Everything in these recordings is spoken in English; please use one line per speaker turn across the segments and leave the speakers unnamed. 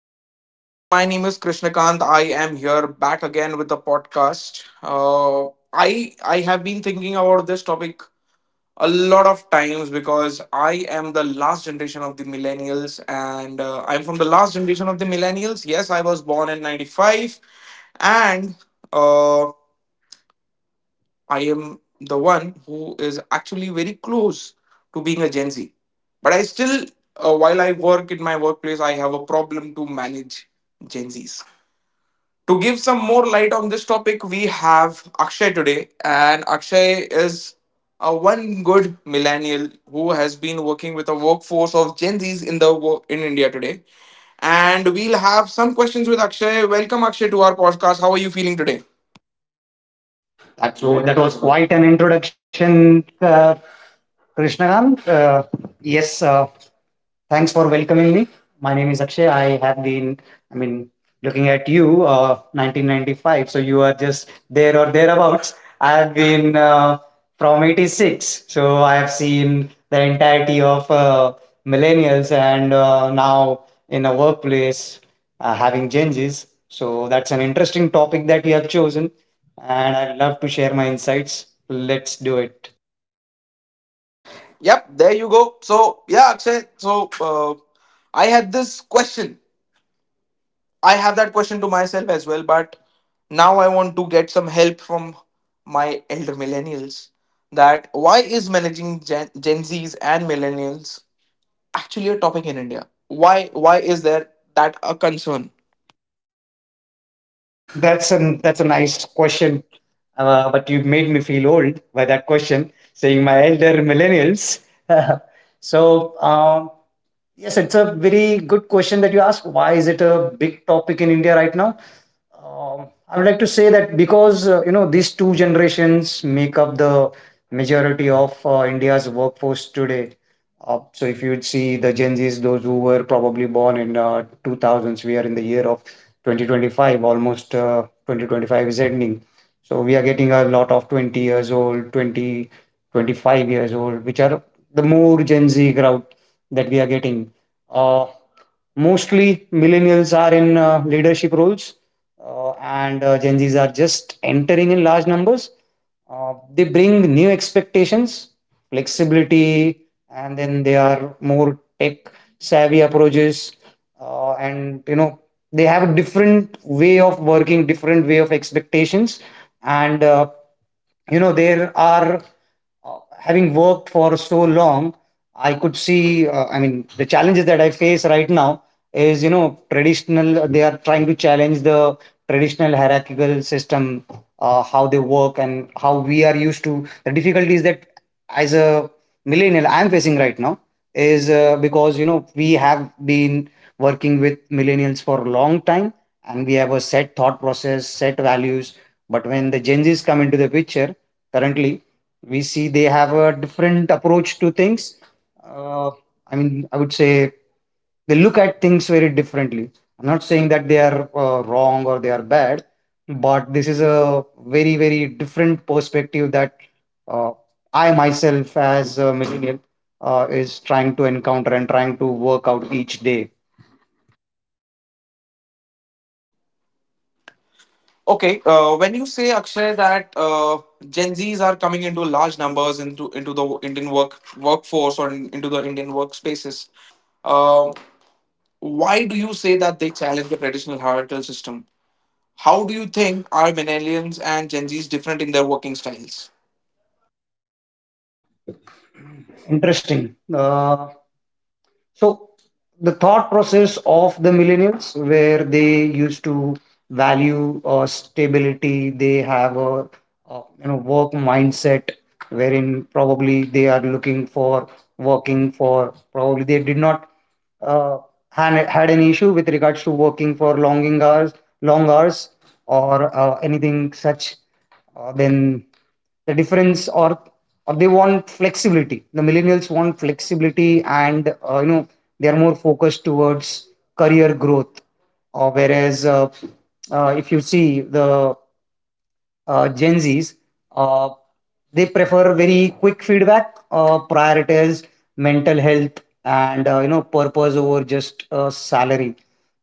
the podcast again. My name is Krishnakant. I am here back again with the podcast. I have been thinking about this topic a lot of times because I am the last generation of the millennials, and I'm from the last generation of the millennials. Yes, I was born in '95, and uh, I am the one who is actually very close to being a Gen Z. But I still, while I work in my workplace, I have a problem to manage Gen Zs. To give some more light on this topic, we have Akshay today, and Akshay is a one good millennial who has been working with a workforce of Gen Zs in in India today. And we'll have some questions with Akshay. Welcome Akshay to our podcast. How are you feeling today?
So that was quite an introduction, Krishnakant. Yes, uh, Thanks for welcoming me. My name is Akshay. I have been, I mean, Looking at you, 1995. So you are just there or thereabouts. I have been from 86. So I have seen the entirety of millennials, and now in a workplace having changes. So that's an interesting topic that you have chosen, and I'd love to share my insights. Let's do it.
Yep, there you go. So, yeah, Akshay, so I had this question. I have that question to myself as well, but now I want to get some help from my elder millennials, that why is managing Gen Zs and millennials actually a topic in India? Why is there that a concern?
That's a nice question, but you made me feel old by that question, saying my elder millennials. so um, yes, it's a very good question that you ask. Why is it a big topic in India right now? I would like to say that because you know, these two generations make up the majority of India's workforce today. So if you would see the Gen Zs, those who were probably born in 2000s, we are in the year of 2025, almost 2025 is ending. So we are getting a lot of 20 years old, 20 25 years old, which are the more Gen Z crowd that we are getting. Uh, Mostly millennials are in leadership roles, and Gen Zs are just entering in large numbers. They bring new expectations, flexibility, and then they are more tech savvy approaches. And you know, they have a different way of working, different way of expectations. And you know, there are Having worked for so long, I could see. I mean, the challenges that I face right now is, you know, traditional. They are trying to challenge the traditional hierarchical system, how they work and how we are used to. The difficulties that as a millennial I'm facing right now is because you know we have been working with millennials for a long time, and we have a set thought process, set values. But when the Gen Z's come into the picture currently, we see they have a different approach to things. uh, I mean, I would say they look at things very differently. I'm not saying that they are wrong or they are bad, but this is a very, very different perspective that uh, I myself as a millennial is trying to encounter and trying to work out each day.
Okay, when you say Akshay that Gen Zs are coming into large numbers into the Indian workforce or into the Indian workspaces, um why do you say that they challenge the traditional hierarchical system? How do you think are millennials and Gen Zs different in their working styles?
Interesting uh, So the thought process of the millennials, where they used to value stability, they have a you know work mindset, wherein probably they are looking for working for probably they did not uh, had had an issue with regards to working for longing hours, long hours, or anything such. Then the difference or they want flexibility. The millennials want flexibility, and you know, they are more focused towards career growth, whereas if you see the Gen Zs, uh, they prefer very quick feedback, prioritize mental health and you know purpose over just salary.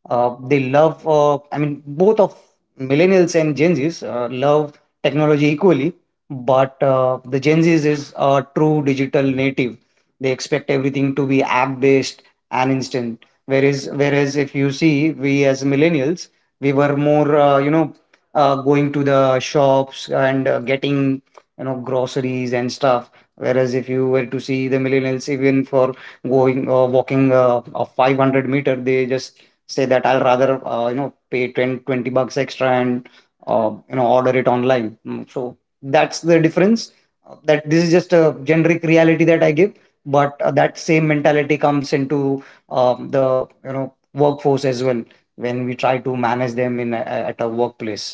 They love, I mean, both of millennials and Gen Zs love technology equally, but the Gen Zs is a true digital native. They expect everything to be app based and instant. Whereas if you see, we as millennials, we were more, going to the shops and getting you know groceries and stuff. Whereas if you were to see the millennials, even for going walking a 500-meter, they just say that I'll rather you know pay 10-20 bucks extra and you know order it online. So that's the difference. That this is just a generic reality that I give, but that same mentality comes into the you know workforce as well when we try to manage them in at a workplace.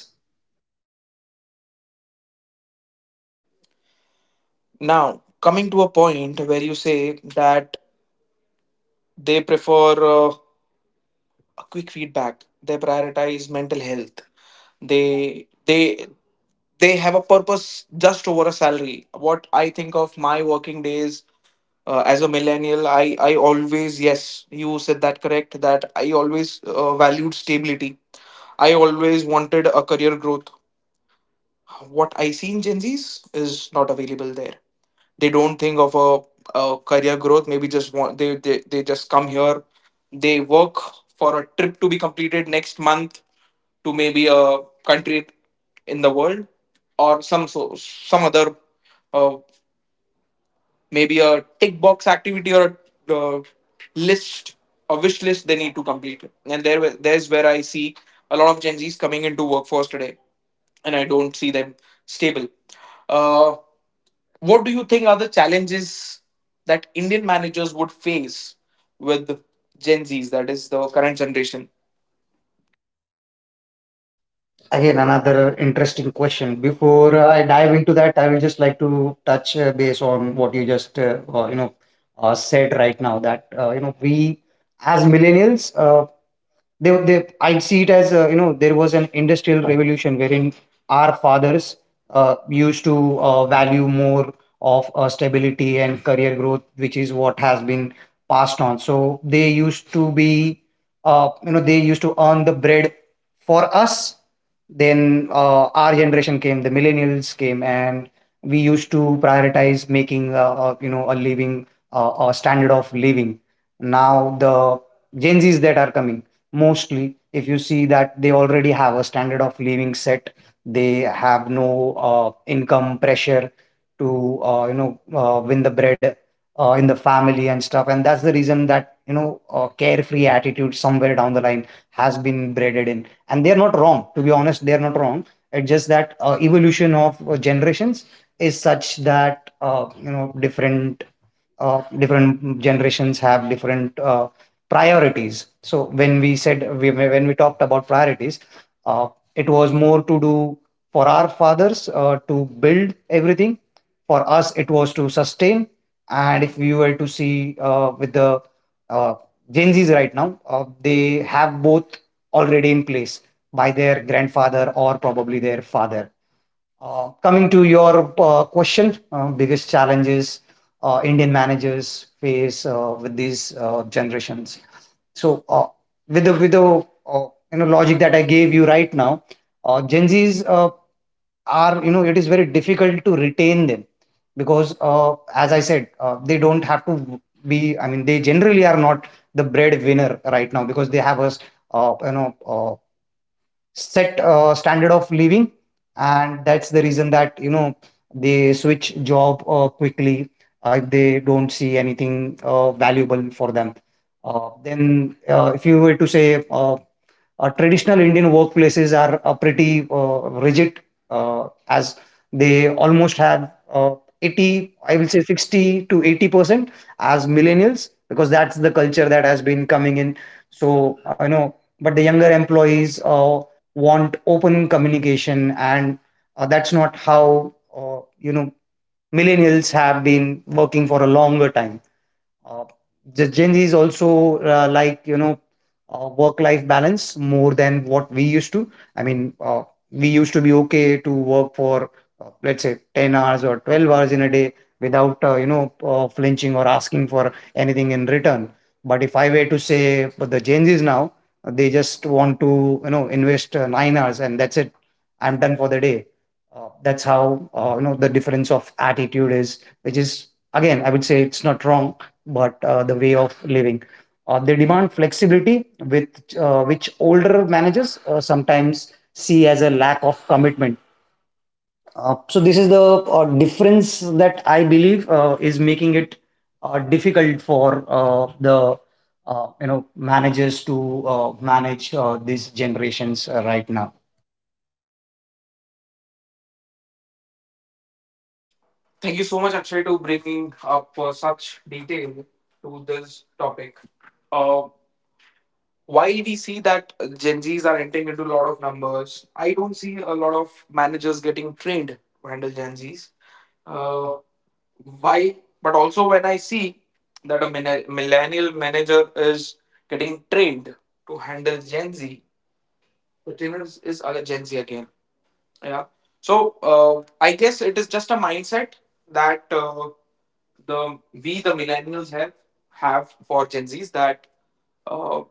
Now, coming to a point where you say that they prefer a quick feedback, they prioritize mental health, they they they have a purpose just over a salary. What I think of my working days as a millennial, I always, yes, you said that correct. That I always valued stability. I always wanted a career growth. What I see in Gen Zs is not available there. They don't think of a career growth. Maybe just want they just come here, they work for a trip to be completed next month, to maybe a country in the world or some other, uh, maybe a tick box activity or a uh, list a wish list they need to complete. And there's where I see a lot of Gen Zs coming into workforce today, and I don't see them stable. Uh, what do you think are the challenges that Indian managers would face with Gen Zs, that is the current generation?
Again, another interesting question. Before I dive into that, I will just like to touch base on what you just you know said right now, that you know we as millennials they I'd see it as you know, there was an industrial revolution wherein our fathers used to value more of stability and career growth, which is what has been passed on. So they used to be, they used to earn the bread for us. Then our generation came, the millennials came, and we used to prioritize making, a living, a standard of living. Now the Gen Zs that are coming, mostly, if you see that they already have a standard of living set, they have no income pressure to you know win the bread in the family and stuff. And that's the reason that you know carefree attitude somewhere down the line has been braided in. And they're not wrong, to be honest, they're not wrong. It's just that evolution of generations is such that you know different different generations have different priorities. So when we talked about priorities, uh, it was more to do for our fathers to build everything. For us it was to sustain. And if we were to see with the uh, Gen Zs right now, they have both already in place by their grandfather or probably their father. Coming to your question, biggest challenges Indian managers face with these generations. So with the you know logic that I gave you right now, Gen Zs are, you know, it is very difficult to retain them because as I said, they don't have to be. I mean, they generally are not the breadwinner right now because they have a you know set standard of living, and that's the reason that you know they switch job quickly if they don't see anything valuable for them. Then if you were to say traditional Indian workplaces are pretty rigid, as they almost have 80, I will say 60 to 80% as millennials, because that's the culture that has been coming in. So, I know, but the younger employees want open communication, and that's not how, millennials have been working for a longer time. Uh, the Gen Zs also like you know work-life balance more than what we used to. I mean, we used to be okay to work for let's say 10 hours or 12 hours in a day without you know flinching or asking for anything in return. But if I were to say, but the Gen Zs now, they just want to you know invest 9 hours and that's it. I'm done for the day. That's how you know the difference of attitude is, which is again I would say it's not wrong, but the way of living. They demand flexibility, with which older managers sometimes see as a lack of commitment. So this is the difference that I believe is making it difficult for the you know managers to manage these generations right now.
Thank you so much, Akshay, to bringing up such detail to this topic. Uh, while we see that Gen Zs are entering into a lot of numbers, I don't see a lot of managers getting trained to handle Gen Zs. Uh, why But also, when I see that a millennial manager is getting trained to handle Gen Z, the trainer is a Gen Z again. Yeah. So uh, I guess it is just a mindset that the the millennials have for Gen Z's, that uh,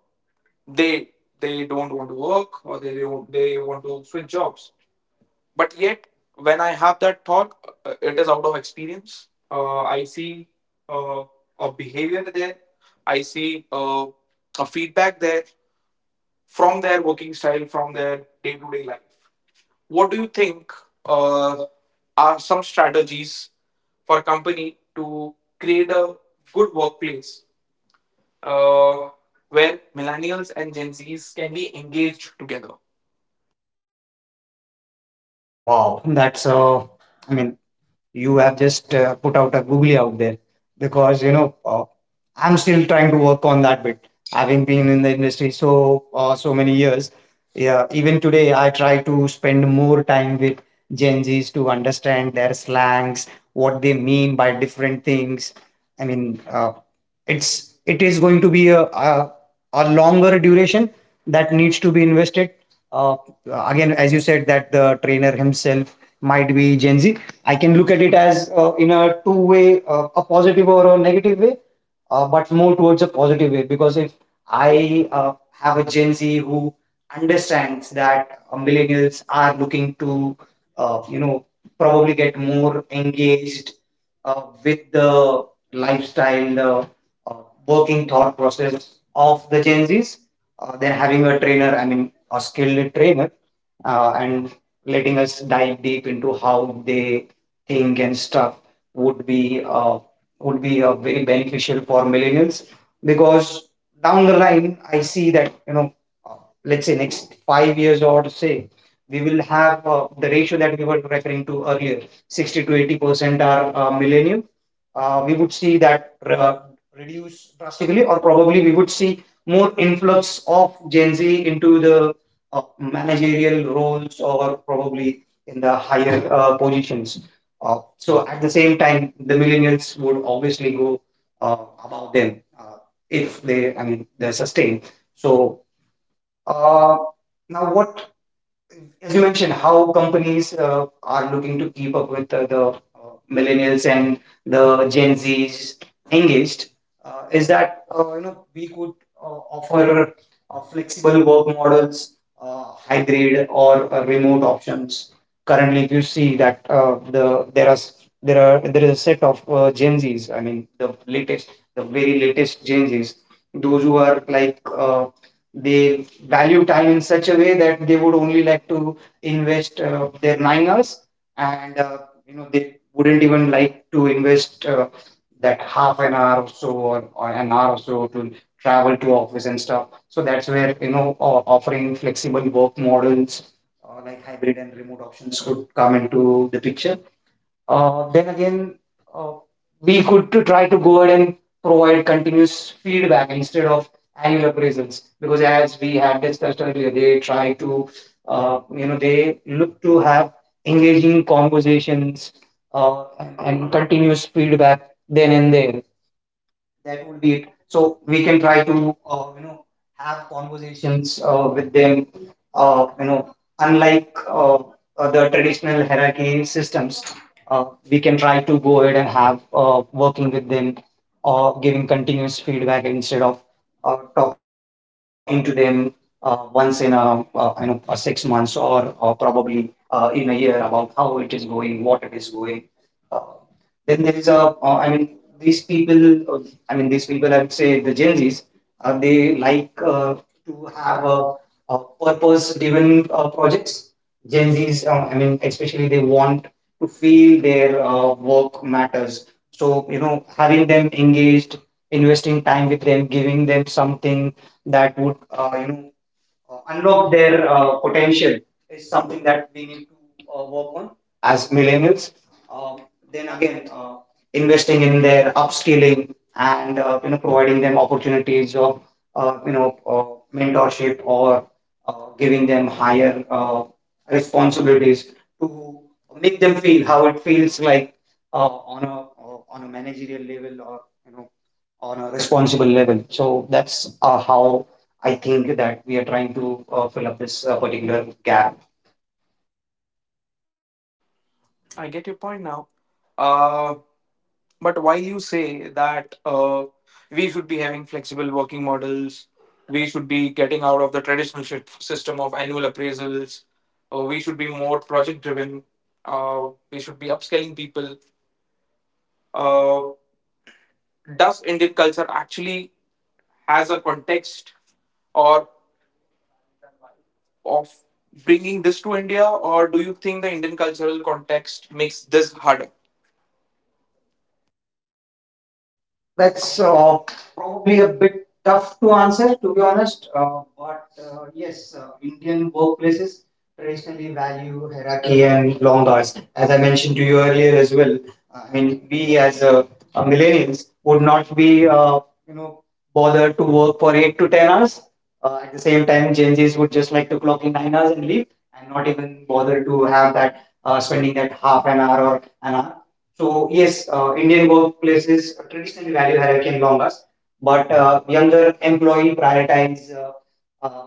they they don't want to work, or they don't, they want to switch jobs. But yet, when I have that thought, it is out of experience. I see uh, a behavior there. I see a feedback there from their working style, from their day to day life. What do you think uh, are some strategies for a company to create a good workplace uh, where millennials and Gen Zs can be engaged together?
Wow. That's I mean, you have just put out a googly out there because you know I'm still trying to work on that bit. Having been in the industry so so many years, yeah, even today I try to spend more time with Gen Zs to understand their slangs, what they mean by different things. I mean, it's it is going to be a longer duration that needs to be invested. Uh, Again, as you said that the trainer himself might be Gen Z, I can look at it as in a two way, a positive or a negative way, but more towards a positive way. Because if I have a Gen Z who understands that millennials are looking to you know probably get more engaged with the lifestyle, the uh, working thought process of the Gen Z's, then having a trainer, I mean a skilled trainer and letting us dive deep into how they think and stuff would be uh, would be very beneficial for millennials, because down the line I see that you know uh, let's say next 5 years or say we will have the ratio that we were referring to earlier, 60 to 80% are millennial. We would see that reduce drastically, or probably we would see more influx of Gen Z into the managerial roles or probably in the higher positions. So at the same time, the millennials would obviously go uh, above them, if they're sustained. So uh, now, what as you mentioned, how companies are looking to keep up with the millennials and the Gen Zs engaged, is that we could offer flexible work models, hybrid or remote options. Currently, if you see that the there are s- there are there is a set of Gen Zs. I mean, the latest, the very latest Gen Zs, those who are like, uh, they value time in such a way that they would only like to invest their 9 hours, and they wouldn't even like to invest that half an hour or so, or an hour or so to travel to office and stuff. So that's where, offering flexible work models, like hybrid and remote options, could come into the picture. Then again, uh, we could to try to go ahead and provide continuous feedback instead of annual appraisals, because as we had discussed earlier, they try to, they look to have engaging conversations uh, and continuous feedback then and there. That would be it. So we can try to have conversations with them. Uh, you know, Unlike the traditional hierarchy systems, uh, we can try to go ahead and have working with them, or giving continuous feedback instead of talking to them once in a, a 6 months, or probably in a year, about how it is going, what it is going. Uh, then there is a, I mean, these people, I mean, these people, I would say the Gen Zs, they like to have a purpose-driven projects. Gen Zs, I mean, especially they want to feel their work matters. So, having them engaged, investing time with them, giving them something that would, unlock their potential, is something that we need to work on as millennials. Um, then again, investing in their upskilling, and providing them opportunities of uh, you know uh, mentorship, or uh, giving them higher responsibilities to make them feel how it feels like uh, on a, on a managerial level, or you know on a responsible level. So that's how I think that we are trying to fill up this particular gap.
I get your point now. Uh, But while you say that we should be having flexible working models, we should be getting out of the traditional system of annual appraisals, we should be more project driven, we should be upscaling people. Uh, does Indian culture actually has a context or of bringing this to India, or do you think the Indian cultural context makes this harder?
That's probably a bit tough to answer, to be honest. But yes, Indian workplaces traditionally value hierarchy and long hours. As I mentioned to you earlier as well, I mean, we as millennials would not be, you know, bothered to work for 8 to 10 hours. At the same time, Gen Zs would just like to clock in 9 hours and leave, and not even bother to have that, spending that half an hour or an hour. So yes, Indian workplaces traditionally value hierarchy and longas, but younger employee prioritize uh,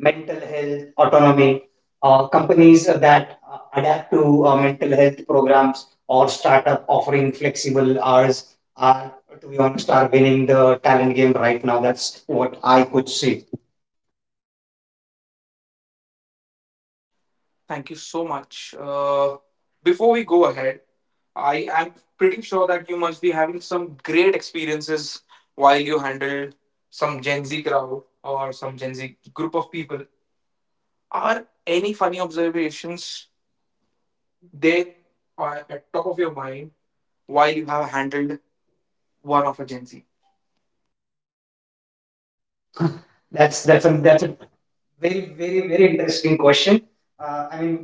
mental health autonomy. Companies that adapt to mental health programs or startup offering flexible hours are, to be honest, are winning the talent game right now. That's what I could see.
Thank you so much. Before we go ahead, I am pretty sure that you must be having some great experiences while you handle some Gen Z crowd or some Gen Z group of people. Are any funny observations there at top of your mind while you have handled one of a Gen Z?
That's a very interesting question. Uh, I mean,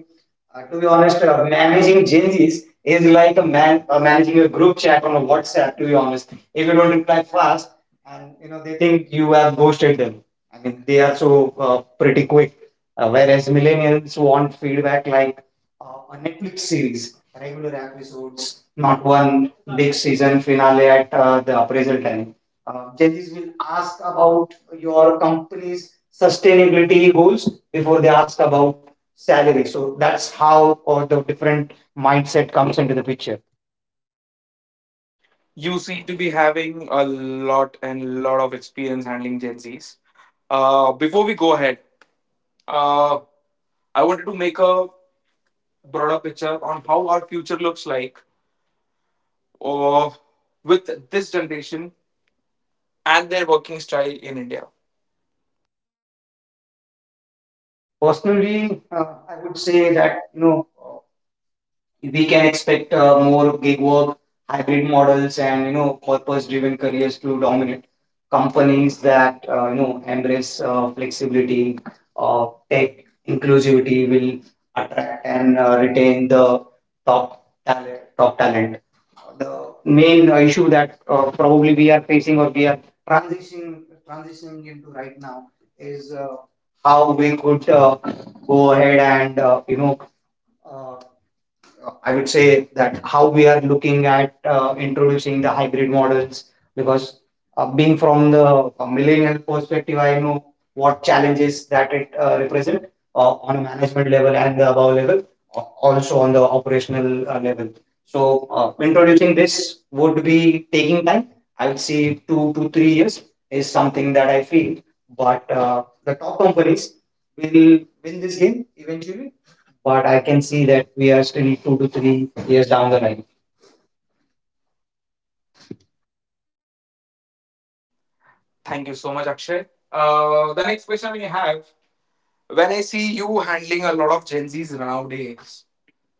To be honest, managing changes is like a man managing a group chat on a WhatsApp. To be honest, if you don't reply fast, and you know they think you have ghosted them. I mean, they are so pretty quick. Whereas millennials want feedback like a Netflix series, regular episodes, not one big season finale at the appraisal time. Judges will ask about your company's sustainability goals before they ask about salary. So that's how all the different mindset comes into the picture.
You seem to be having a lot and lot of experience handling Gen Zs. Before we go ahead, uh, I wanted to make a broader picture on how our future looks like or with this generation and their working style in India.
Personally, I would say that, we can expect more gig work, hybrid models, and purpose-driven careers to dominate. Companies that embrace flexibility, tech inclusivity will attract and retain the top talent. Top talent. The main issue that probably we are facing, or we are transitioning into right now is, how we could go ahead and, uh, I would say that how we are looking at introducing the hybrid models, because being from the millennial perspective, I know what challenges that it represent on a management level and the above level, also on the operational level. So introducing this would be taking time. I would say 2 to 3 years is something that I feel. But the top companies will win this game eventually, but I can see that we are still 2 to 3 years down the line.
Thank you so much, Akshay. The next question we have, when I see you handling a lot of Gen Zs nowadays,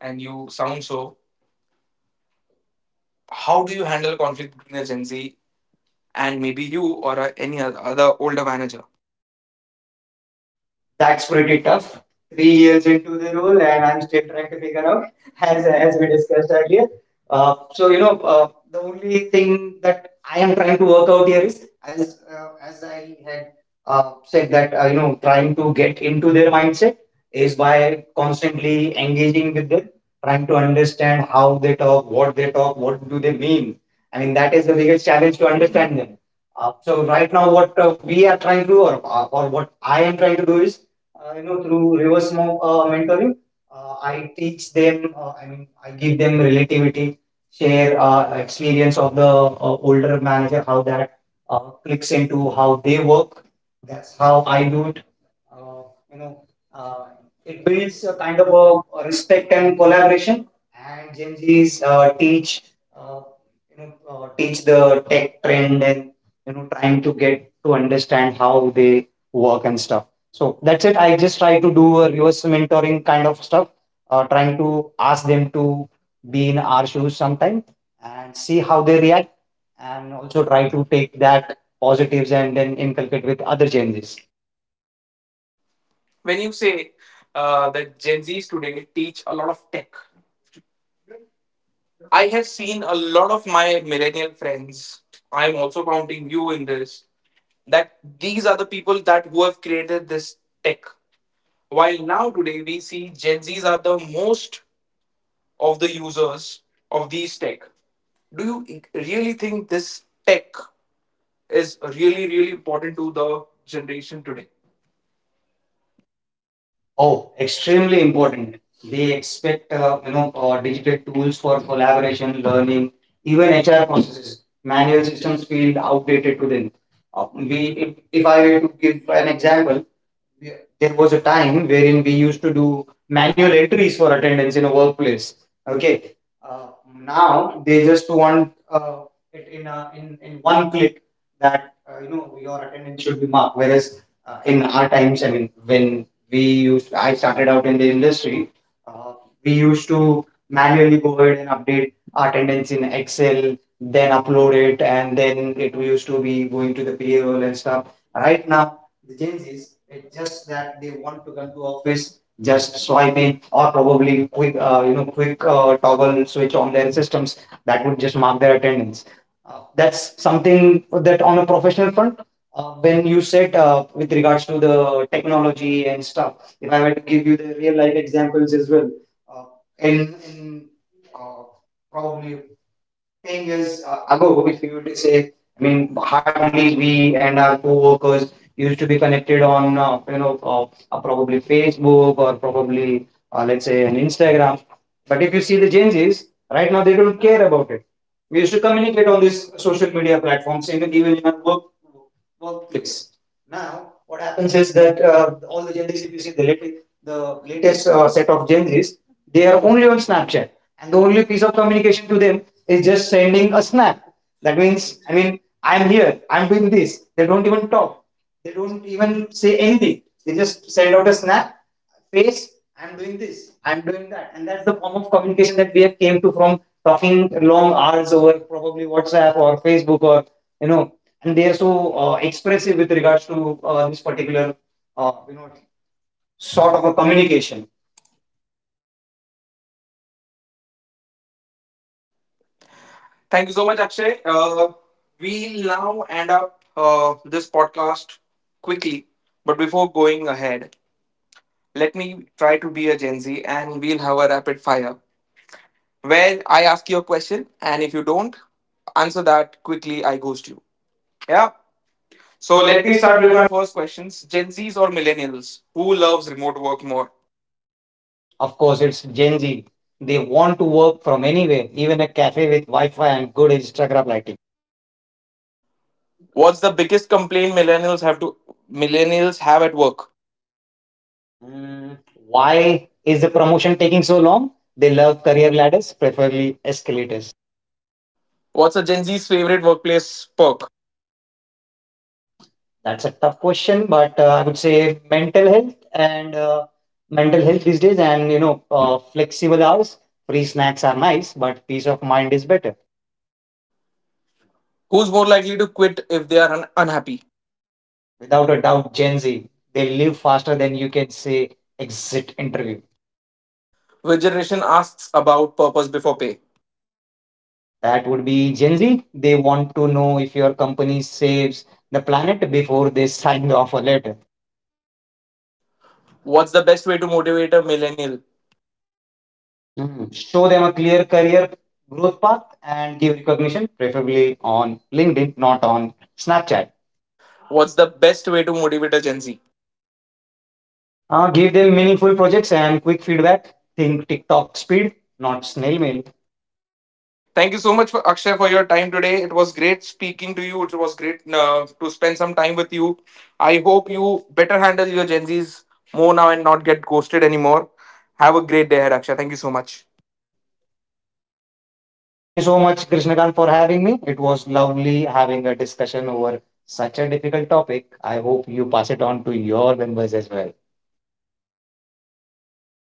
and you sound so, how do you handle conflict between a Gen Z and maybe you or any other older manager?
That's pretty tough. 3 years into the role, and I'm still trying to figure out, as we discussed earlier. So the only thing that I am trying to work out here is, as I had said, that trying to get into their mindset is by constantly engaging with them, trying to understand how they talk, what do they mean. I mean, that is the biggest challenge to understand them. So right now, what we are trying to, or what I am trying to do is, through reverse mentoring, I teach them. Uh, I mean, I give them relativity, share experience of the older manager, how that clicks into how they work. That's how I do it. Uh, you know, uh, it builds a kind of a respect and collaboration. And Gen Zs uh, teach the tech trend, and trying to get to understand how they work and stuff. So that's it. I just try to do a reverse mentoring kind of stuff, trying to ask them to be in our shoes sometime and see how they react, and also try to take that positives and then inculcate with other changes.
When you say that Gen Zs today teach a lot of tech, I have seen a lot of my millennial friends. I'm also counting you in this, that these are the people that who have created this tech, while now today we see Gen Z's are the most of the users of these tech. Do you really think this tech is really really important to the generation today?
Oh, extremely important. They expect digital tools for collaboration, learning, even HR processes. Manual systems feel outdated to them. Uh, we, if, I were to give an example, there was a time wherein we used to do manual entries for attendance in a workplace. Okay, uh, now they just want it in a, in one click, that your attendance should be marked. Whereas in our times, I mean, when we used, I started out in the industry, uh, we used to manually go ahead and update our attendance in Excel, then upload it, and then it used to be going to the payroll and stuff. Right now the changes. It's just that they want to come to office, just swiping or probably quick, quick toggle switch on their systems that would just mark their attendance. That's something that on a professional front. When you said with regards to the technology and stuff, if I were to give you the real life examples as well, uh, in uh, probably thing is ago, if you were to say, I mean, hardly we and our co-workers used to be connected on, probably Facebook, or probably, let's say, an Instagram. But if you see the Gen Zs, right now they don't care about it. We used to communicate on these social media platforms, even in our workplace. Now, what happens is that all the Gen Zs, if you see the latest set of Gen Zs, they are only on Snapchat, and the only piece of communication to them is just sending a snap. That means, I mean, I'm here, I'm doing this. They don't even talk, they don't even say anything. They just send out a snap, face, I'm doing this, I'm doing that. And that's the form of communication that we have came to from talking long hours over probably WhatsApp or Facebook, you know, and they are so expressive with regards to this particular, uh, you know, sort of a communication.
Thank you so much, Akshay. We'll now end up this podcast quickly, but before going ahead, let me try to be a Gen Z and we'll have a rapid fire, where I ask you a question, and if you don't answer that quickly, I ghost you. Yeah. So
So
let
let
me
me
start
start
with
with my.
my first questions. Gen Zs or millennials? Who loves remote work more?
Of course, it's Gen Z. They want to work from anywhere, even a cafe with Wi Fi and good Instagram lighting.
What's the biggest complaint millennials have at work?
Mm, why is the promotion taking so long? They love career ladders, preferably escalators.
What's a Gen Z's favorite workplace perk?
That's a tough question, but I would say mental health and mental health these days, and flexible hours, free snacks are nice, but peace of mind is better.
Who's more likely to quit if they are unhappy?
Without a doubt, Gen Z, they live faster than you can say exit interview.
Which generation asks about purpose before pay?
That would be Gen Z. They want to know if your company saves the planet before they sign the offer letter.
What's the best way to motivate a millennial?
Mhm. Show them a clear career growth path and give recognition, preferably on LinkedIn, not on Snapchat.
What's the best way to motivate a Gen Z?
Give them meaningful projects and quick feedback. Think TikTok speed, not snail mail.
Thank you so much, for Akshay, for your time today. It was great speaking to you. It was great to spend some time with you. I hope you better handle your Gen Zs more now and not get ghosted anymore. Have a great day ahead, Akshay. Thank you so much.
Thank you so much, Krishnakant, for having me. It was lovely having a discussion over such a difficult topic. I hope you pass it on to your members as well.